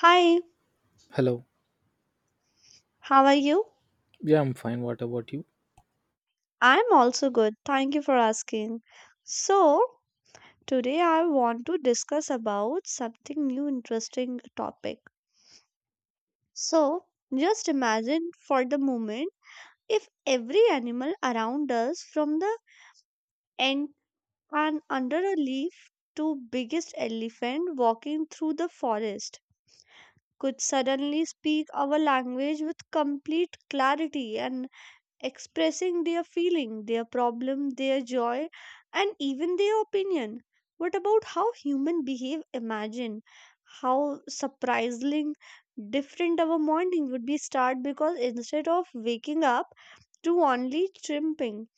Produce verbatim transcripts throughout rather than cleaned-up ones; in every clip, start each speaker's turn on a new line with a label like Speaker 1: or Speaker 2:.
Speaker 1: Hi,
Speaker 2: Hello.
Speaker 1: how are you?
Speaker 2: Yeah, I'm fine. What about you?
Speaker 1: I'm also good. Thank you for asking. So, today I want to discuss about something new interesting topic. So, just imagine for the moment if every animal around us from the end and under a leaf to biggest elephant walking through the forest could suddenly speak our language with complete clarity and expressing their feeling, their problem, their joy, and even their opinion. What about how human behave? Imagine how surprisingly different our morning would be start because instead of waking up to only chirping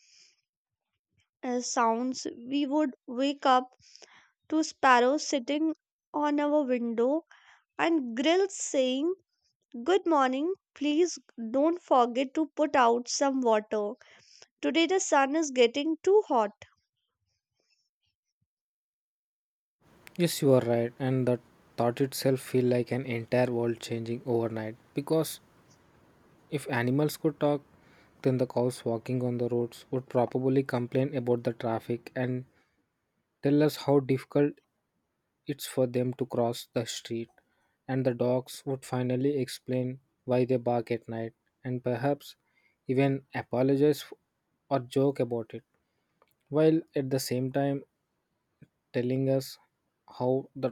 Speaker 1: uh, sounds, we would wake up to sparrows sitting on our window and grills saying, "Good morning. Please don't forget to put out some water." Today the sun is getting too hot.
Speaker 2: Yes, you are right. And the thought itself feel like an entire world changing overnight. Because if animals could talk, then the cows walking on the roads would probably complain about the traffic and tell us how difficult it's for them to cross the street. And the dogs would finally explain why they bark at night and perhaps even apologize or joke about it. While at the same time, telling us how the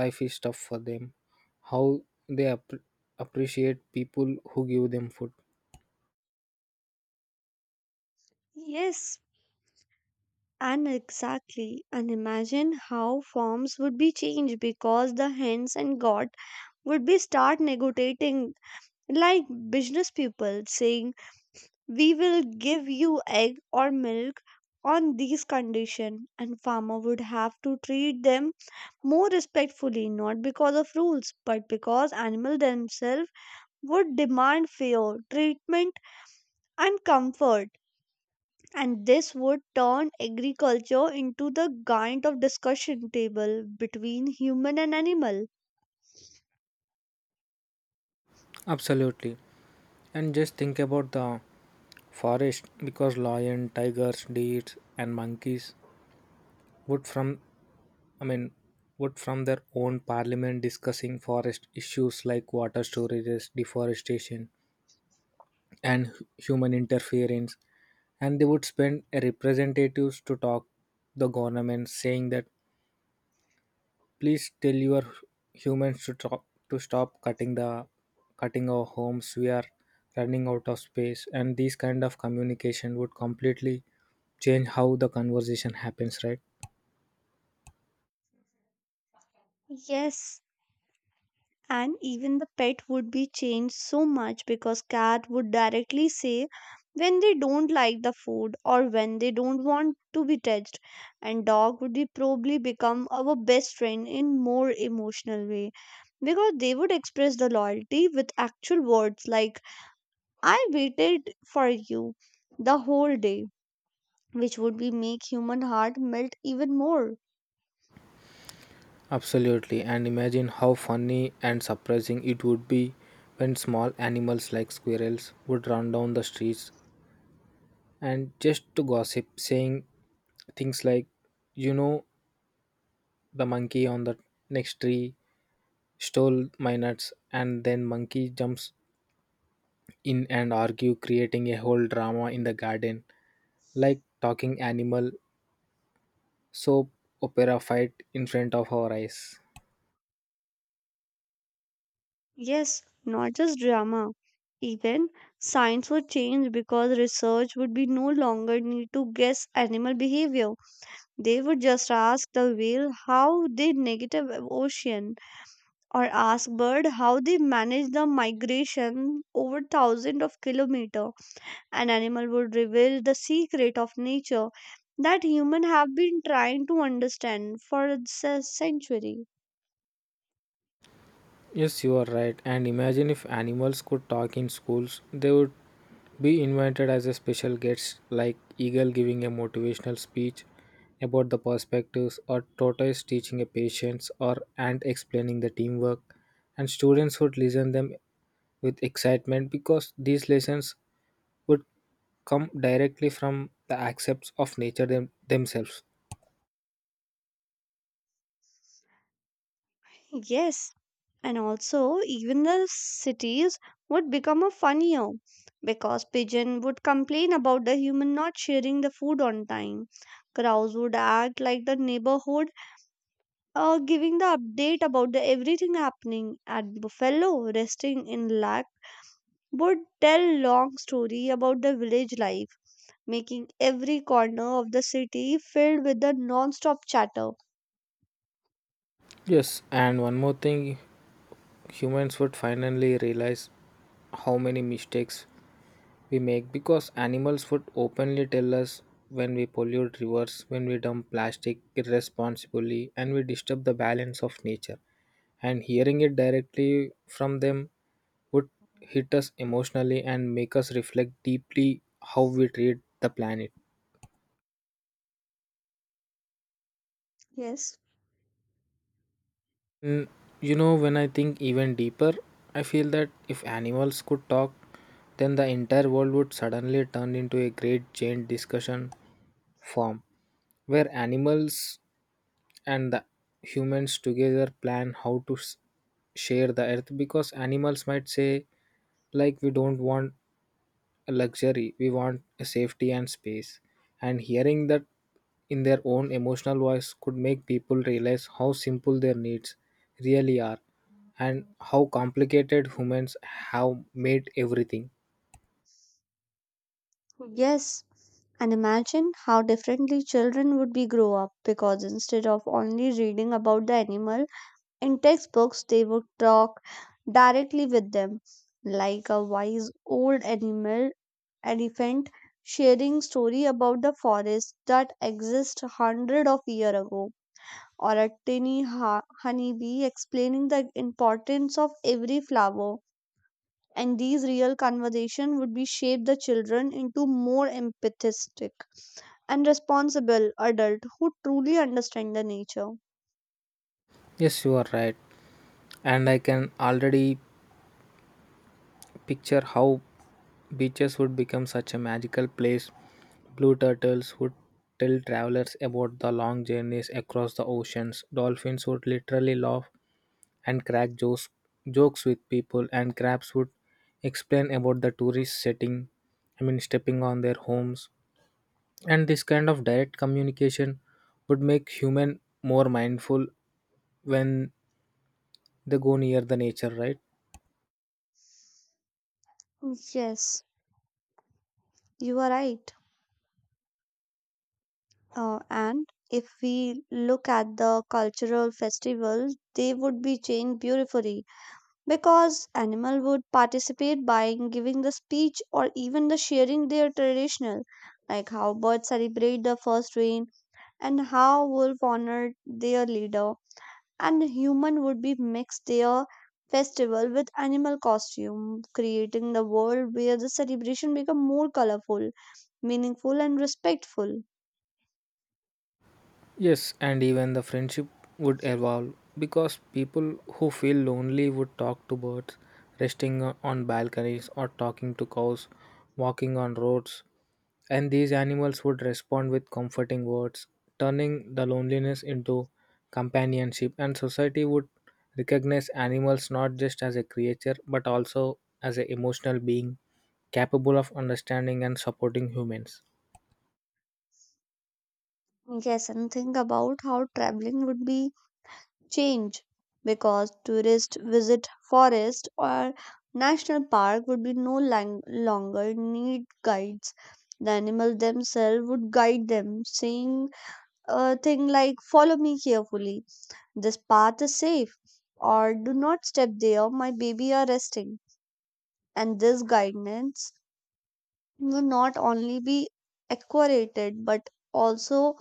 Speaker 2: life is tough for them, how they appre appreciate people who give them food.
Speaker 1: Yes, and exactly. And imagine how forms would be changed because the hens and god would be start negotiating like business people saying we will give you egg or milk on these condition, and farmer would have to treat them more respectfully, not because of rules but because animal themselves would demand fair treatment and comfort. And this would turn agriculture into the giant of discussion table between human and animal.
Speaker 2: Absolutely. And just think about the forest because lion, tigers, deers and monkeys would from I mean would from their own parliament discussing forest issues like water storages, deforestation and hu- human interference and they would spend a representatives to talk the government saying that please tell your humans to stop, to stop cutting the cutting our homes. We are running out of space, and these kind of communication would completely change how the conversation happens, right?
Speaker 1: Yes, and even the pet would be changed so much because cat would directly say when they don't like the food or when they don't want to be touched, and dog would be probably become our best friend in more emotional way because they would express the loyalty with actual words like I waited for you the whole day, which would be make human heart melt even more.
Speaker 2: Absolutely, and imagine how funny and surprising it would be when small animals like squirrels would run down the streets and just to gossip, saying things like, you know, the monkey on the next tree stole my nuts, and then monkey jumps in and argue, creating a whole drama in the garden, like talking animal, soap opera fight in front of our eyes.
Speaker 1: Yes, not just drama. Even science would change because research would be no longer need to guess animal behavior. They would just ask the whale how they negative ocean or ask bird how they manage the migration over thousands of kilometer. An animal would reveal the secret of nature that human have been trying to understand for a century.
Speaker 2: Yes, you are right. And imagine if animals could talk in schools, they would be invited as a special guest, like eagle giving a motivational speech about the perspectives, or tortoise teaching a patience, or ant explaining the teamwork. And students would listen them with excitement because these lessons would come directly from the accepts of nature them- themselves.
Speaker 1: Yes, and also, even the cities would become a funnier because pigeon would complain about the human not sharing the food on time. Crows would act like the neighborhood, uh, giving the update about the everything happening. And buffalo, resting in luck, would tell long story about the village life, making every corner of the city filled with the non-stop chatter.
Speaker 2: Yes, and one more thing humans would finally realize how many mistakes we make because animals would openly tell us when we pollute rivers, when we dump plastic irresponsibly, and we disturb the balance of nature. And hearing it directly from them would hit us emotionally and make us reflect deeply how we treat the planet.
Speaker 1: Yes.
Speaker 2: Mm, you know, when I think even deeper, I feel that if animals could talk, then the entire world would suddenly turn into a great giant discussion forum where animals and the humans together plan how to s- share the earth because animals might say, like, we don't want luxury, we want safety and space, and hearing that in their own emotional voice could make people realize how simple their needs really are and how complicated humans have made everything.
Speaker 1: Yes. And imagine how differently children would be grow up because instead of only reading about the animal in textbooks, they would talk directly with them, like a wise old animal elephant sharing story about the forest that exist hundred of year ago, or a tiny ha- honeybee explaining the importance of every flower. And these real conversation would be shape the children into more empathetic and responsible adult who truly understand the nature.
Speaker 2: Yes, you are right, and I can already picture how beaches would become such a magical place. Blue turtles would tell travelers about the long journeys across the oceans. Dolphins would literally laugh and crack jokes, jokes with people, and crabs would explain about the tourist setting, I mean stepping on their homes, and this kind of direct communication would make human more mindful when they go near the nature, right?
Speaker 1: Yes, you are right. Uh, and if we look at the cultural festivals, they would be changed beautifully because animal would participate by giving the speech or even the sharing their traditional, like how birds celebrate the first rain and how wolf honored their leader. And human would be mixed their festival with animal costume, creating the world where the celebration become more colorful, meaningful and respectful.
Speaker 2: Yes, and even the friendship would evolve because people who feel lonely would talk to birds resting on balconies or talking to cows walking on roads. And these animals would respond with comforting words, turning the loneliness into companionship. And society would recognize animals not just as a creature but also as an emotional being capable of understanding and supporting humans.
Speaker 1: Yes, and think about how traveling would be changed because tourists visit forest or national park would be no lang- longer need guides. The animal themselves would guide them saying a thing like, follow me carefully. This path is safe, or do not step there, my baby are resting. And this guidance will not only be accurate but also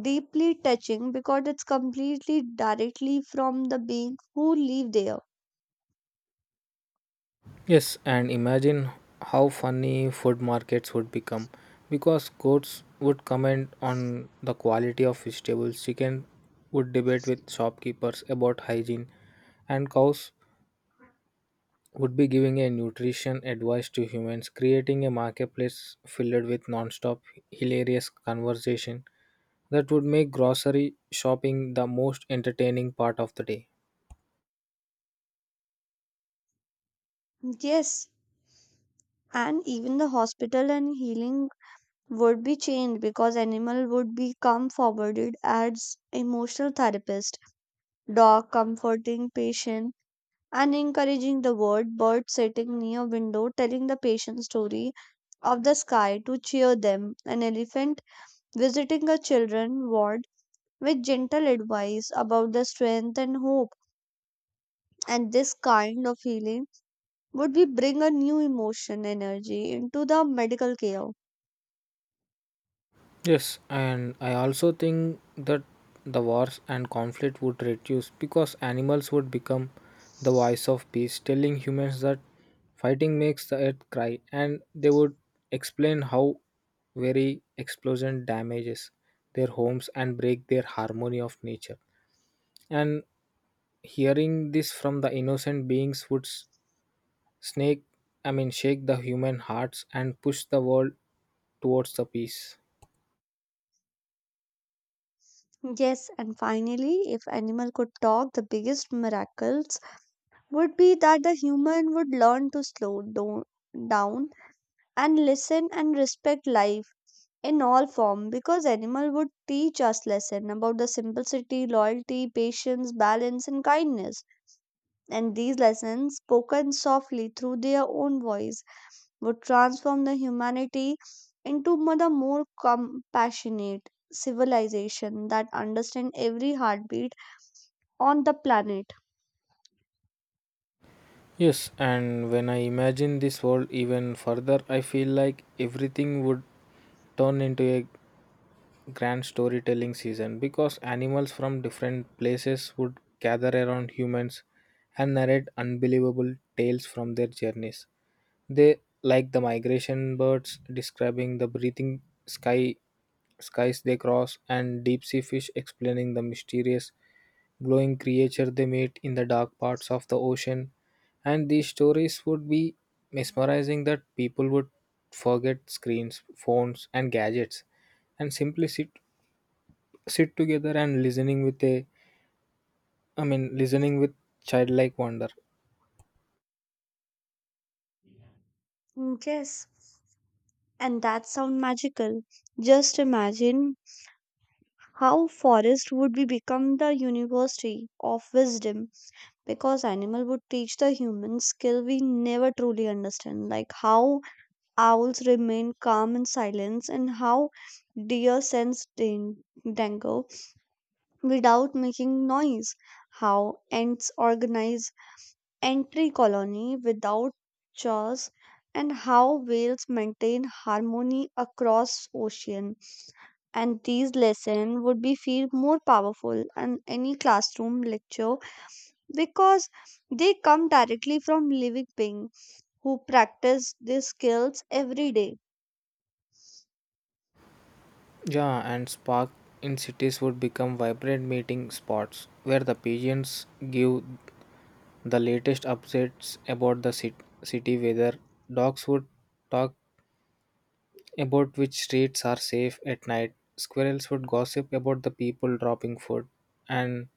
Speaker 1: deeply touching because it's completely directly from the being who live there.
Speaker 2: Yes, and imagine how funny food markets would become because courts would comment on the quality of vegetables, chicken would debate with shopkeepers about hygiene, and cows would be giving a nutrition advice to humans, creating a marketplace filled with non-stop hilarious conversation that would make grocery shopping the most entertaining part of the day.
Speaker 1: Yes, and even the hospital and healing would be changed because animal would become forwarded as emotional therapist, dog comforting patient and encouraging the word, bird sitting near window telling the patient story of the sky to cheer them, an elephant visiting a children ward with gentle advice about the strength and hope. And this kind of healing would be bring a new emotion energy into the medical care.
Speaker 2: Yes, and I also think that the wars and conflict would reduce because animals would become the voice of peace, telling humans that fighting makes the earth cry, and they would explain how very explosion damages their homes and break their harmony of nature. And hearing this from the innocent beings would s- snake, I mean, shake the human hearts and push the world towards the peace.
Speaker 1: Yes, and finally if animal could talk, the biggest miracles would be that the human would learn to slow do- down and listen and respect life in all form because animal would teach us lesson about the simplicity, loyalty, patience, balance and kindness. And these lessons spoken softly through their own voice would transform the humanity into mo- the more compassionate civilization that understand every heartbeat on the planet.
Speaker 2: Yes, and when I imagine this world even further, I feel like everything would turn into a grand storytelling season because animals from different places would gather around humans and narrate unbelievable tales from their journeys. They, like the migration birds describing the breathing sky skies they cross, and deep sea fish explaining the mysterious glowing creature they meet in the dark parts of the ocean. And these stories would be mesmerizing that people would forget screens, phones, and gadgets, and simply sit sit together and listening with a, I mean, listening with childlike wonder.
Speaker 1: Mm, yes, and that sound magical. Just imagine how forest would be become the university of wisdom because animal would teach the human skill we never truly understand, like how owls remain calm in silence, and how deer sense dan- danger without making noise, how ants organize entry colony without chores, and how whales maintain harmony across ocean. And these lessons would be feel more powerful than any classroom lecture because they come directly from living beings who practice these skills every day.
Speaker 2: Yeah, and spark in cities would become vibrant meeting spots where the pigeons give the latest updates about the cit- city weather. Dogs would talk about which streets are safe at night. Squirrels would gossip about the people dropping food, and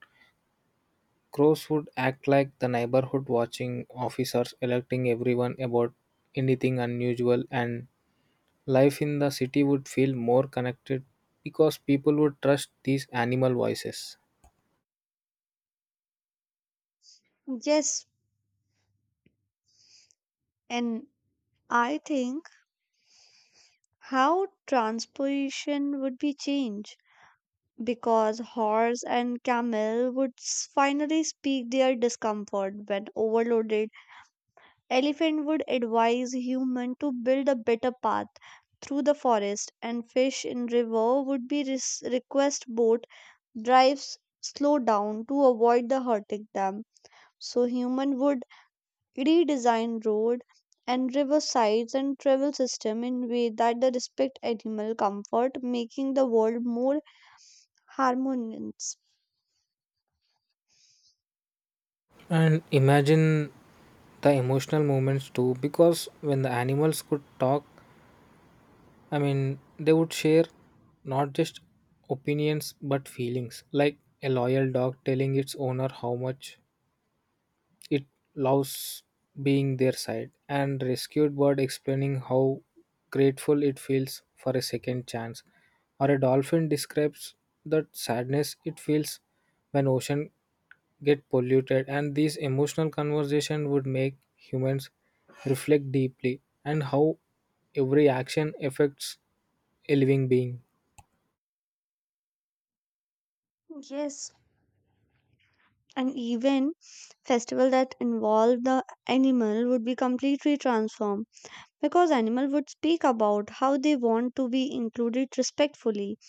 Speaker 2: crows would act like the neighborhood watching officers alerting everyone about anything unusual. And life in the city would feel more connected because people would trust these animal voices.
Speaker 1: Yes, and I think how transportation would be changed because horse and camel would s- finally speak their discomfort when overloaded. Elephant would advise human to build a better path through the forest, and fish in river would be res- request boat drives slow down to avoid the hurting them, so human would redesign road and river sides and travel system in way that the respect animal comfort, making the world more harmonious.
Speaker 2: And imagine the emotional moments too, because when the animals could talk, I mean, they would share not just opinions but feelings, like a loyal dog telling its owner how much it loves being their side, and rescued bird explaining how grateful it feels for a second chance, or a dolphin describes that sadness it feels when ocean get polluted, and these emotional conversation would make humans reflect deeply and how every action affects a living being.
Speaker 1: Yes, and even festival that involve the animal would be completely transformed because animal would speak about how they want to be included respectfully.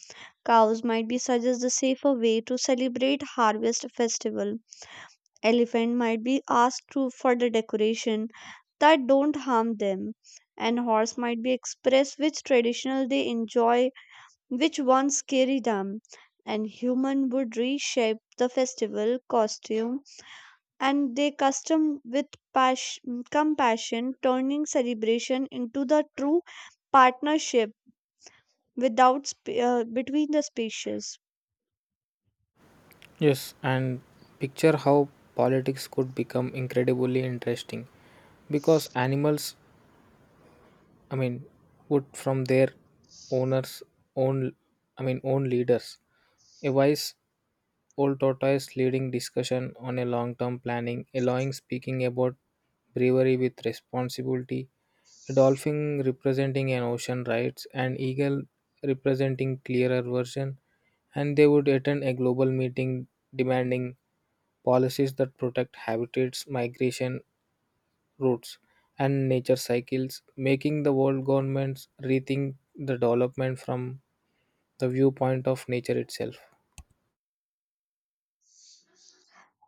Speaker 1: Cows might be suggest the safer way to celebrate harvest festival. Elephant might be asked to for the decoration that don't harm them. And horse might be express which traditional they enjoy, which ones scary them. And human would reshape the festival costume and their custom with pas- compassion, turning celebration into the true partnership without sp- uh, between the species.
Speaker 2: Yes, and picture how politics could become incredibly interesting because animals, I mean, would from their owners own I mean own leaders, a wise old tortoise leading discussion on a long term planning allowing speaking about bravery with responsibility, a dolphin representing an ocean rights, an eagle representing clearer version, and they would attend a global meeting demanding policies that protect habitats, migration routes, and nature cycles, making the world governments rethink the development from the viewpoint of nature itself.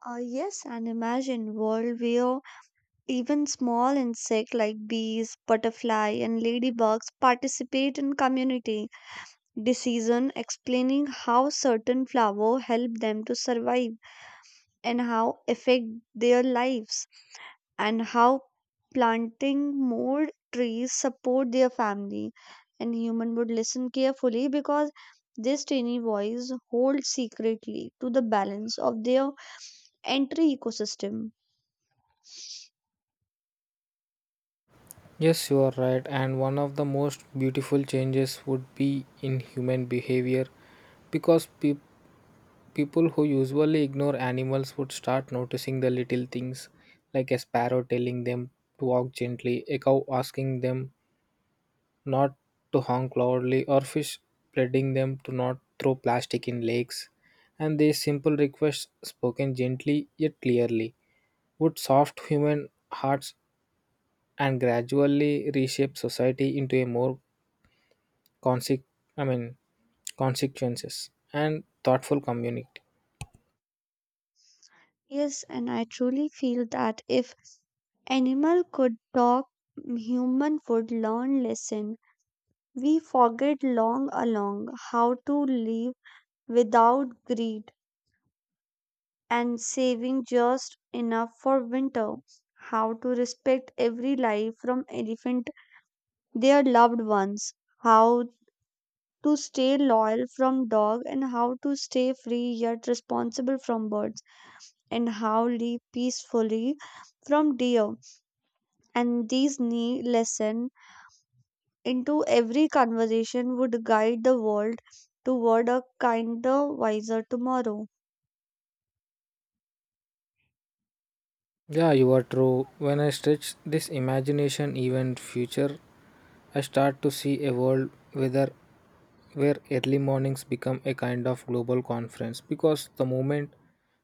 Speaker 1: Uh, yes, and imagine world where even small insect like bees, butterfly, and ladybugs participate in community decision, explaining how certain flower help them to survive and how affect their lives, and how planting more trees support their family. And human would listen carefully because this tiny voice holds secretly to the balance of their entire ecosystem.
Speaker 2: Yes, you are right, and one of the most beautiful changes would be in human behavior because people people who usually ignore animals would start noticing the little things, like a sparrow telling them to walk gently, a cow asking them not to honk loudly, or fish pleading them to not throw plastic in lakes. And these simple requests, spoken gently yet clearly, would soft human hearts and gradually reshape society into a more conse- I mean, consequences and thoughtful community.
Speaker 1: Yes, and I truly feel that if animal could talk, human would learn lesson. We forget long along how to live without greed and saving just enough for winter. How to respect every life from elephant their loved ones. How to stay loyal from dog, and how to stay free yet responsible from birds, and how live peacefully from deer. And these knee lesson into every conversation would guide the world toward a kinder, wiser tomorrow.
Speaker 2: Yeah, you are true. When I stretch this imagination even future, I start to see a world whether where early mornings become a kind of global conference because the moment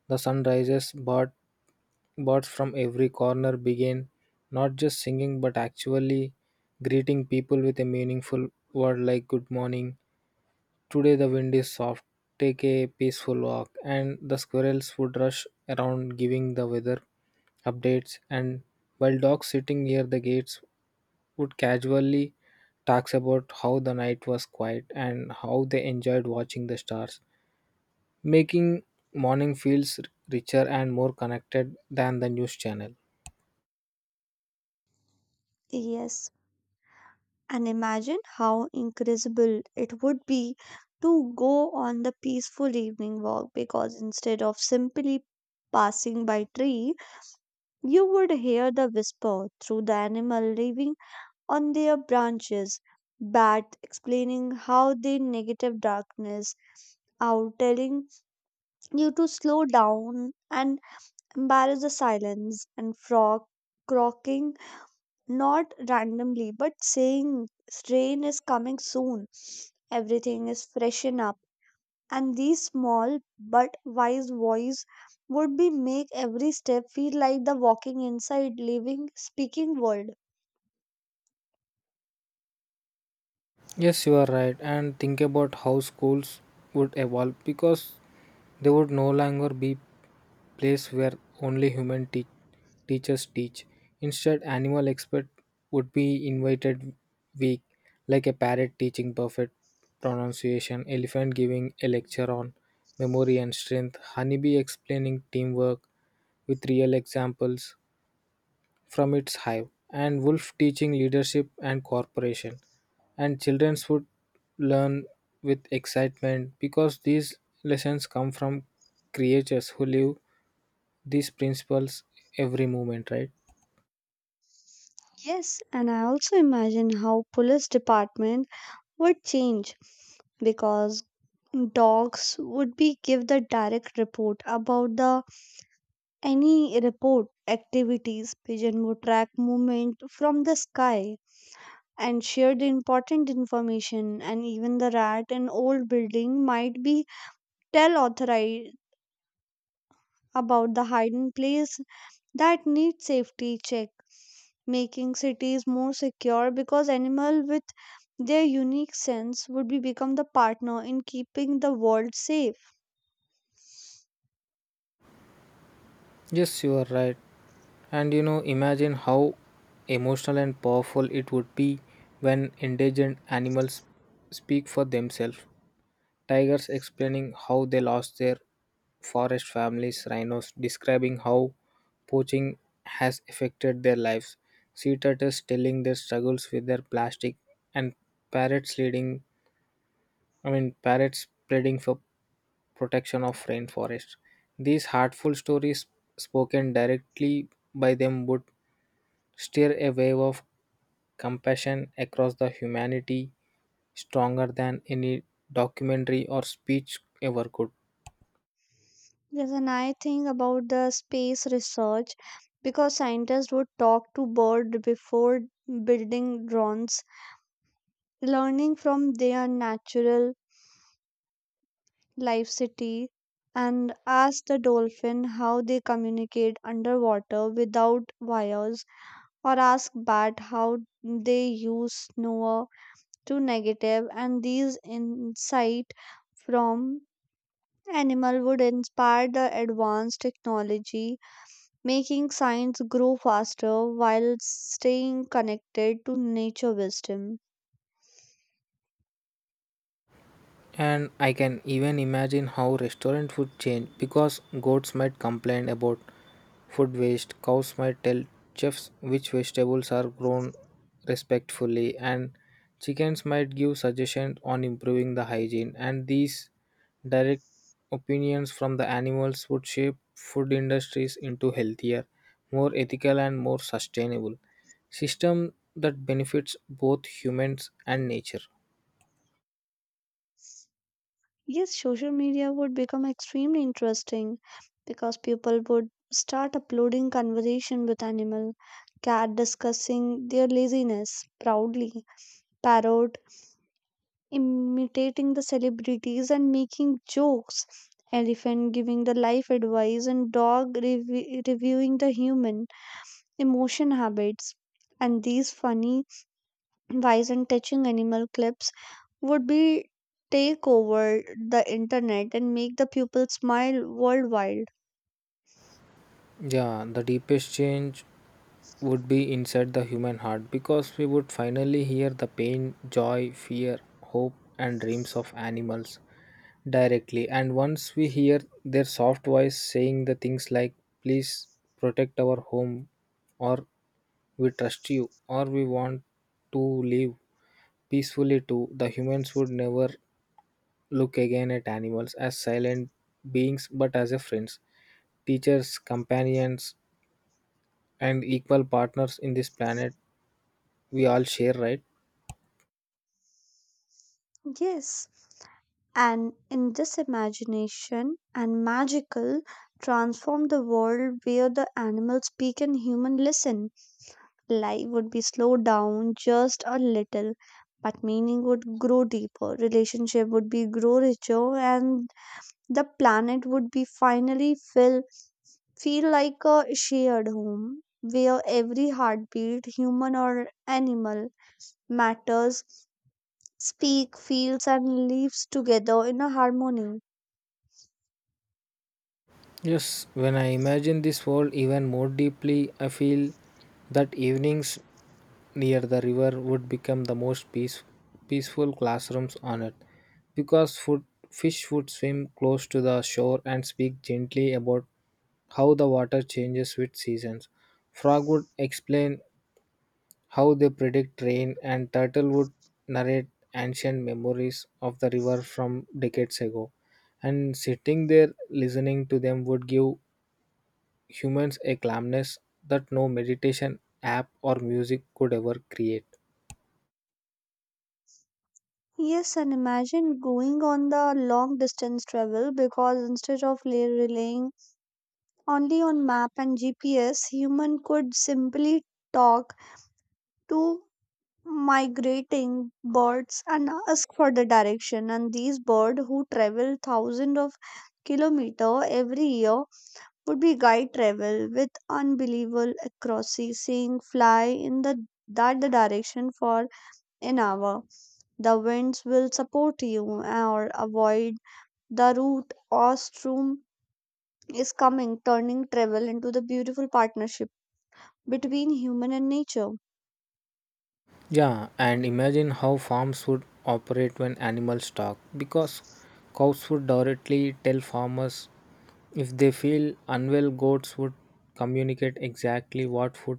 Speaker 2: the sun rises, bird, birds from every corner begin not just singing but actually greeting people with a meaningful word like good morning. Today the wind is soft. Take a peaceful walk, and the squirrels would rush around giving the weather updates. And while dogs sitting near the gates would casually talks about how the night was quiet and how they enjoyed watching the stars, making morning feels richer and more connected than the news channel.
Speaker 1: Yes, and imagine how incredible it would be to go on the peaceful evening walk because instead of simply passing by tree, you would hear the whisper through the animal living on their branches, bat explaining how the negative darkness out, telling you to slow down and embrace the silence, and frog croaking not randomly but saying rain is coming soon, everything is freshen up. And these small but wise voice would be make every step feel like the walking inside living speaking world.
Speaker 2: Yes, you are right. And think about how schools would evolve because they would no longer be place where only human te- teachers teach. Instead, animal expert would be invited week, like a parrot teaching perfect pronunciation, elephant giving a lecture on memory and strength, honeybee explaining teamwork with real examples, from its hive, and wolf teaching leadership and cooperation. And children would learn with excitement because these lessons come from creatures who live these principles every moment, right?
Speaker 1: Yes, and I also imagine how police department would change because dogs would be give the direct report about the any report activities, pigeon would track movement from the sky and share the important information, and even the rat in old building might be tell authorized about the hidden place that need safety check, making cities more secure because animal with their unique sense would be become the partner in keeping the world safe.
Speaker 2: Yes, you are right. And you know, imagine how emotional and powerful it would be when endangered animals speak for themselves. Tigers explaining how they lost their forest families, rhinos describing how poaching has affected their lives, sea turtles telling their struggles with their plastic, and parrots leading I mean parrots pleading for protection of rainforest. These heartful stories spoken directly by them would stir a wave of compassion across the humanity stronger than any documentary or speech ever could.
Speaker 1: Yes, and I think about the space research because scientists would talk to birds before building drones, learning from their natural life city, and ask the dolphin how they communicate underwater without wires, or ask bat how they use snow to negative. And these insight from animal would inspire the advanced technology, making science grow faster while staying connected to nature wisdom.
Speaker 2: And I can even imagine how restaurant food change because goats might complain about food waste, cows might tell chefs which vegetables are grown respectfully, and chickens might give suggestions on improving the hygiene. And these direct opinions from the animals would shape food industries into healthier, more ethical, and more sustainable system that benefits both humans and nature.
Speaker 1: Yes, social media would become extremely interesting because people would start uploading conversation with animal, cat discussing their laziness proudly, parrot imitating the celebrities and making jokes, elephant giving the life advice and dog revi reviewing the human emotion habits. And these funny, wise and touching animal clips would be take over the internet and make the people smile worldwide.
Speaker 2: Yeah, the deepest change would be inside the human heart because we would finally hear the pain, joy, fear, hope, and dreams of animals directly. And once we hear their soft voice saying the things like, please protect our home, or we trust you, or we want to live peacefully too, the humans would never look again at animals as silent beings but as a friends, teachers, companions, and equal partners in this planet we all share, right?
Speaker 1: Yes, and in this imagination and magical transform the world where the animals speak and human listen, life would be slowed down just a little, but meaning would grow deeper, relationship would be grow richer, and the planet would be finally filled. Feel like a shared home where every heartbeat, human or animal, matters, speak, feels, and lives together in a harmony.
Speaker 2: Yes, when I imagine this world even more deeply, I feel that evenings near the river would become the most peace, peaceful classrooms on it, because food, fish would swim close to the shore and speak gently about how the water changes with seasons. Frog would explain how they predict rain, and Turtle would narrate ancient memories of the river from decades ago. And sitting there listening to them would give humans a calmness that no meditation app or music could ever create.
Speaker 1: Yes, and imagine going on the long distance travel because instead of le- relying only on map and G P S, human could simply talk to migrating birds and ask for the direction. And these birds who travel thousands of kilometers every year would be guide travel with unbelievable accuracy, seeing fly in the that the direction for an hour. The winds will support you, or avoid the route, or storm is coming, turning travel into the beautiful partnership between human and nature.
Speaker 2: Yeah, and imagine how farms would operate when animals talk because cows would directly tell farmers if they feel unwell, goats would communicate exactly what food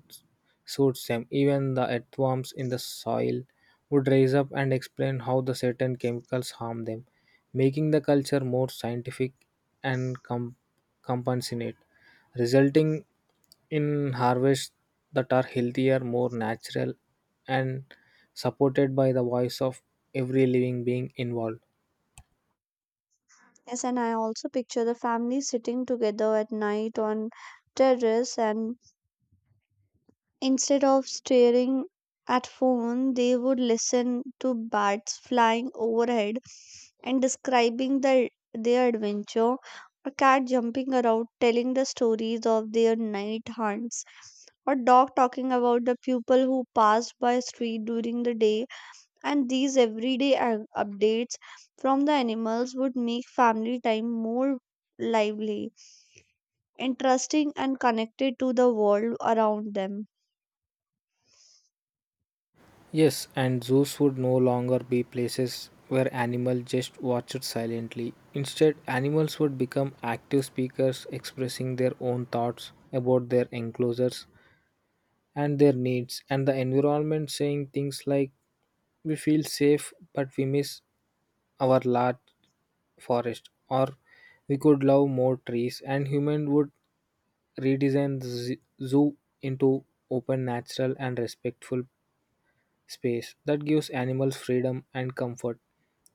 Speaker 2: suits them. Even the earthworms in the soil would rise up and explain how the certain chemicals harm them, making the culture more scientific and com- compassionate, resulting in harvests that are healthier, more natural, and supported by the voice of every living being involved.
Speaker 1: Yes, and I also picture the family sitting together at night on terrace, and instead of staring at phone, they would listen to bats flying overhead and describing the, their adventure, a cat jumping around telling the stories of their night hunts, a dog talking about the people who passed by street during the day. And these everyday a- updates from the animals would make family time more lively, interesting and connected to the world around them.
Speaker 2: Yes, and zoos would no longer be places where animals just watched silently. Instead, animals would become active speakers expressing their own thoughts about their enclosures and their needs and the environment, saying things like, we feel safe, but we miss our large forest, or we could love more trees, and human would redesign the z- zoo into open natural and respectful space that gives animals freedom and comfort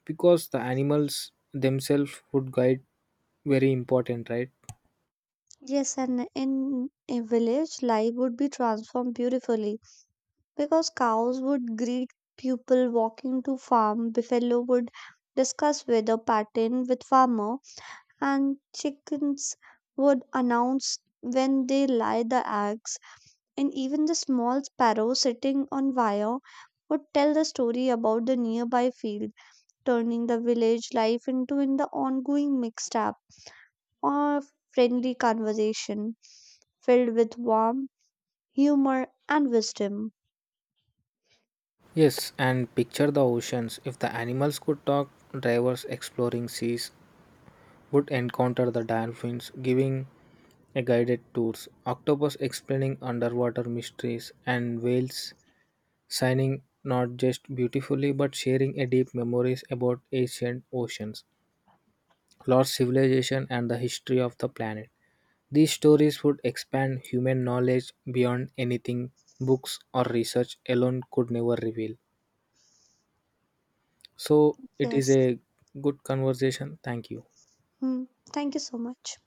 Speaker 2: because the animals themselves would guide, very important, right?
Speaker 1: Yes, and in a village life would be transformed beautifully because cows would greet people walking to farm, buffalo would discuss weather pattern with farmer, and chickens would announce when they lay the eggs, and even the small sparrow sitting on wire would tell the story about the nearby field, turning the village life into an ongoing mixed up or friendly conversation filled with warmth, humor and wisdom.
Speaker 2: Yes, and picture the oceans if the animals could talk. Divers exploring seas would encounter the dolphins giving a guided tours, octopus explaining underwater mysteries, and whales signing not just beautifully but sharing a deep memories about ancient oceans, lost civilization and the history of the planet. These stories would expand human knowledge beyond anything books or research alone could never reveal. So it is
Speaker 1: Yes.
Speaker 2: a good conversation. Thank you.
Speaker 1: Mm, thank you so much.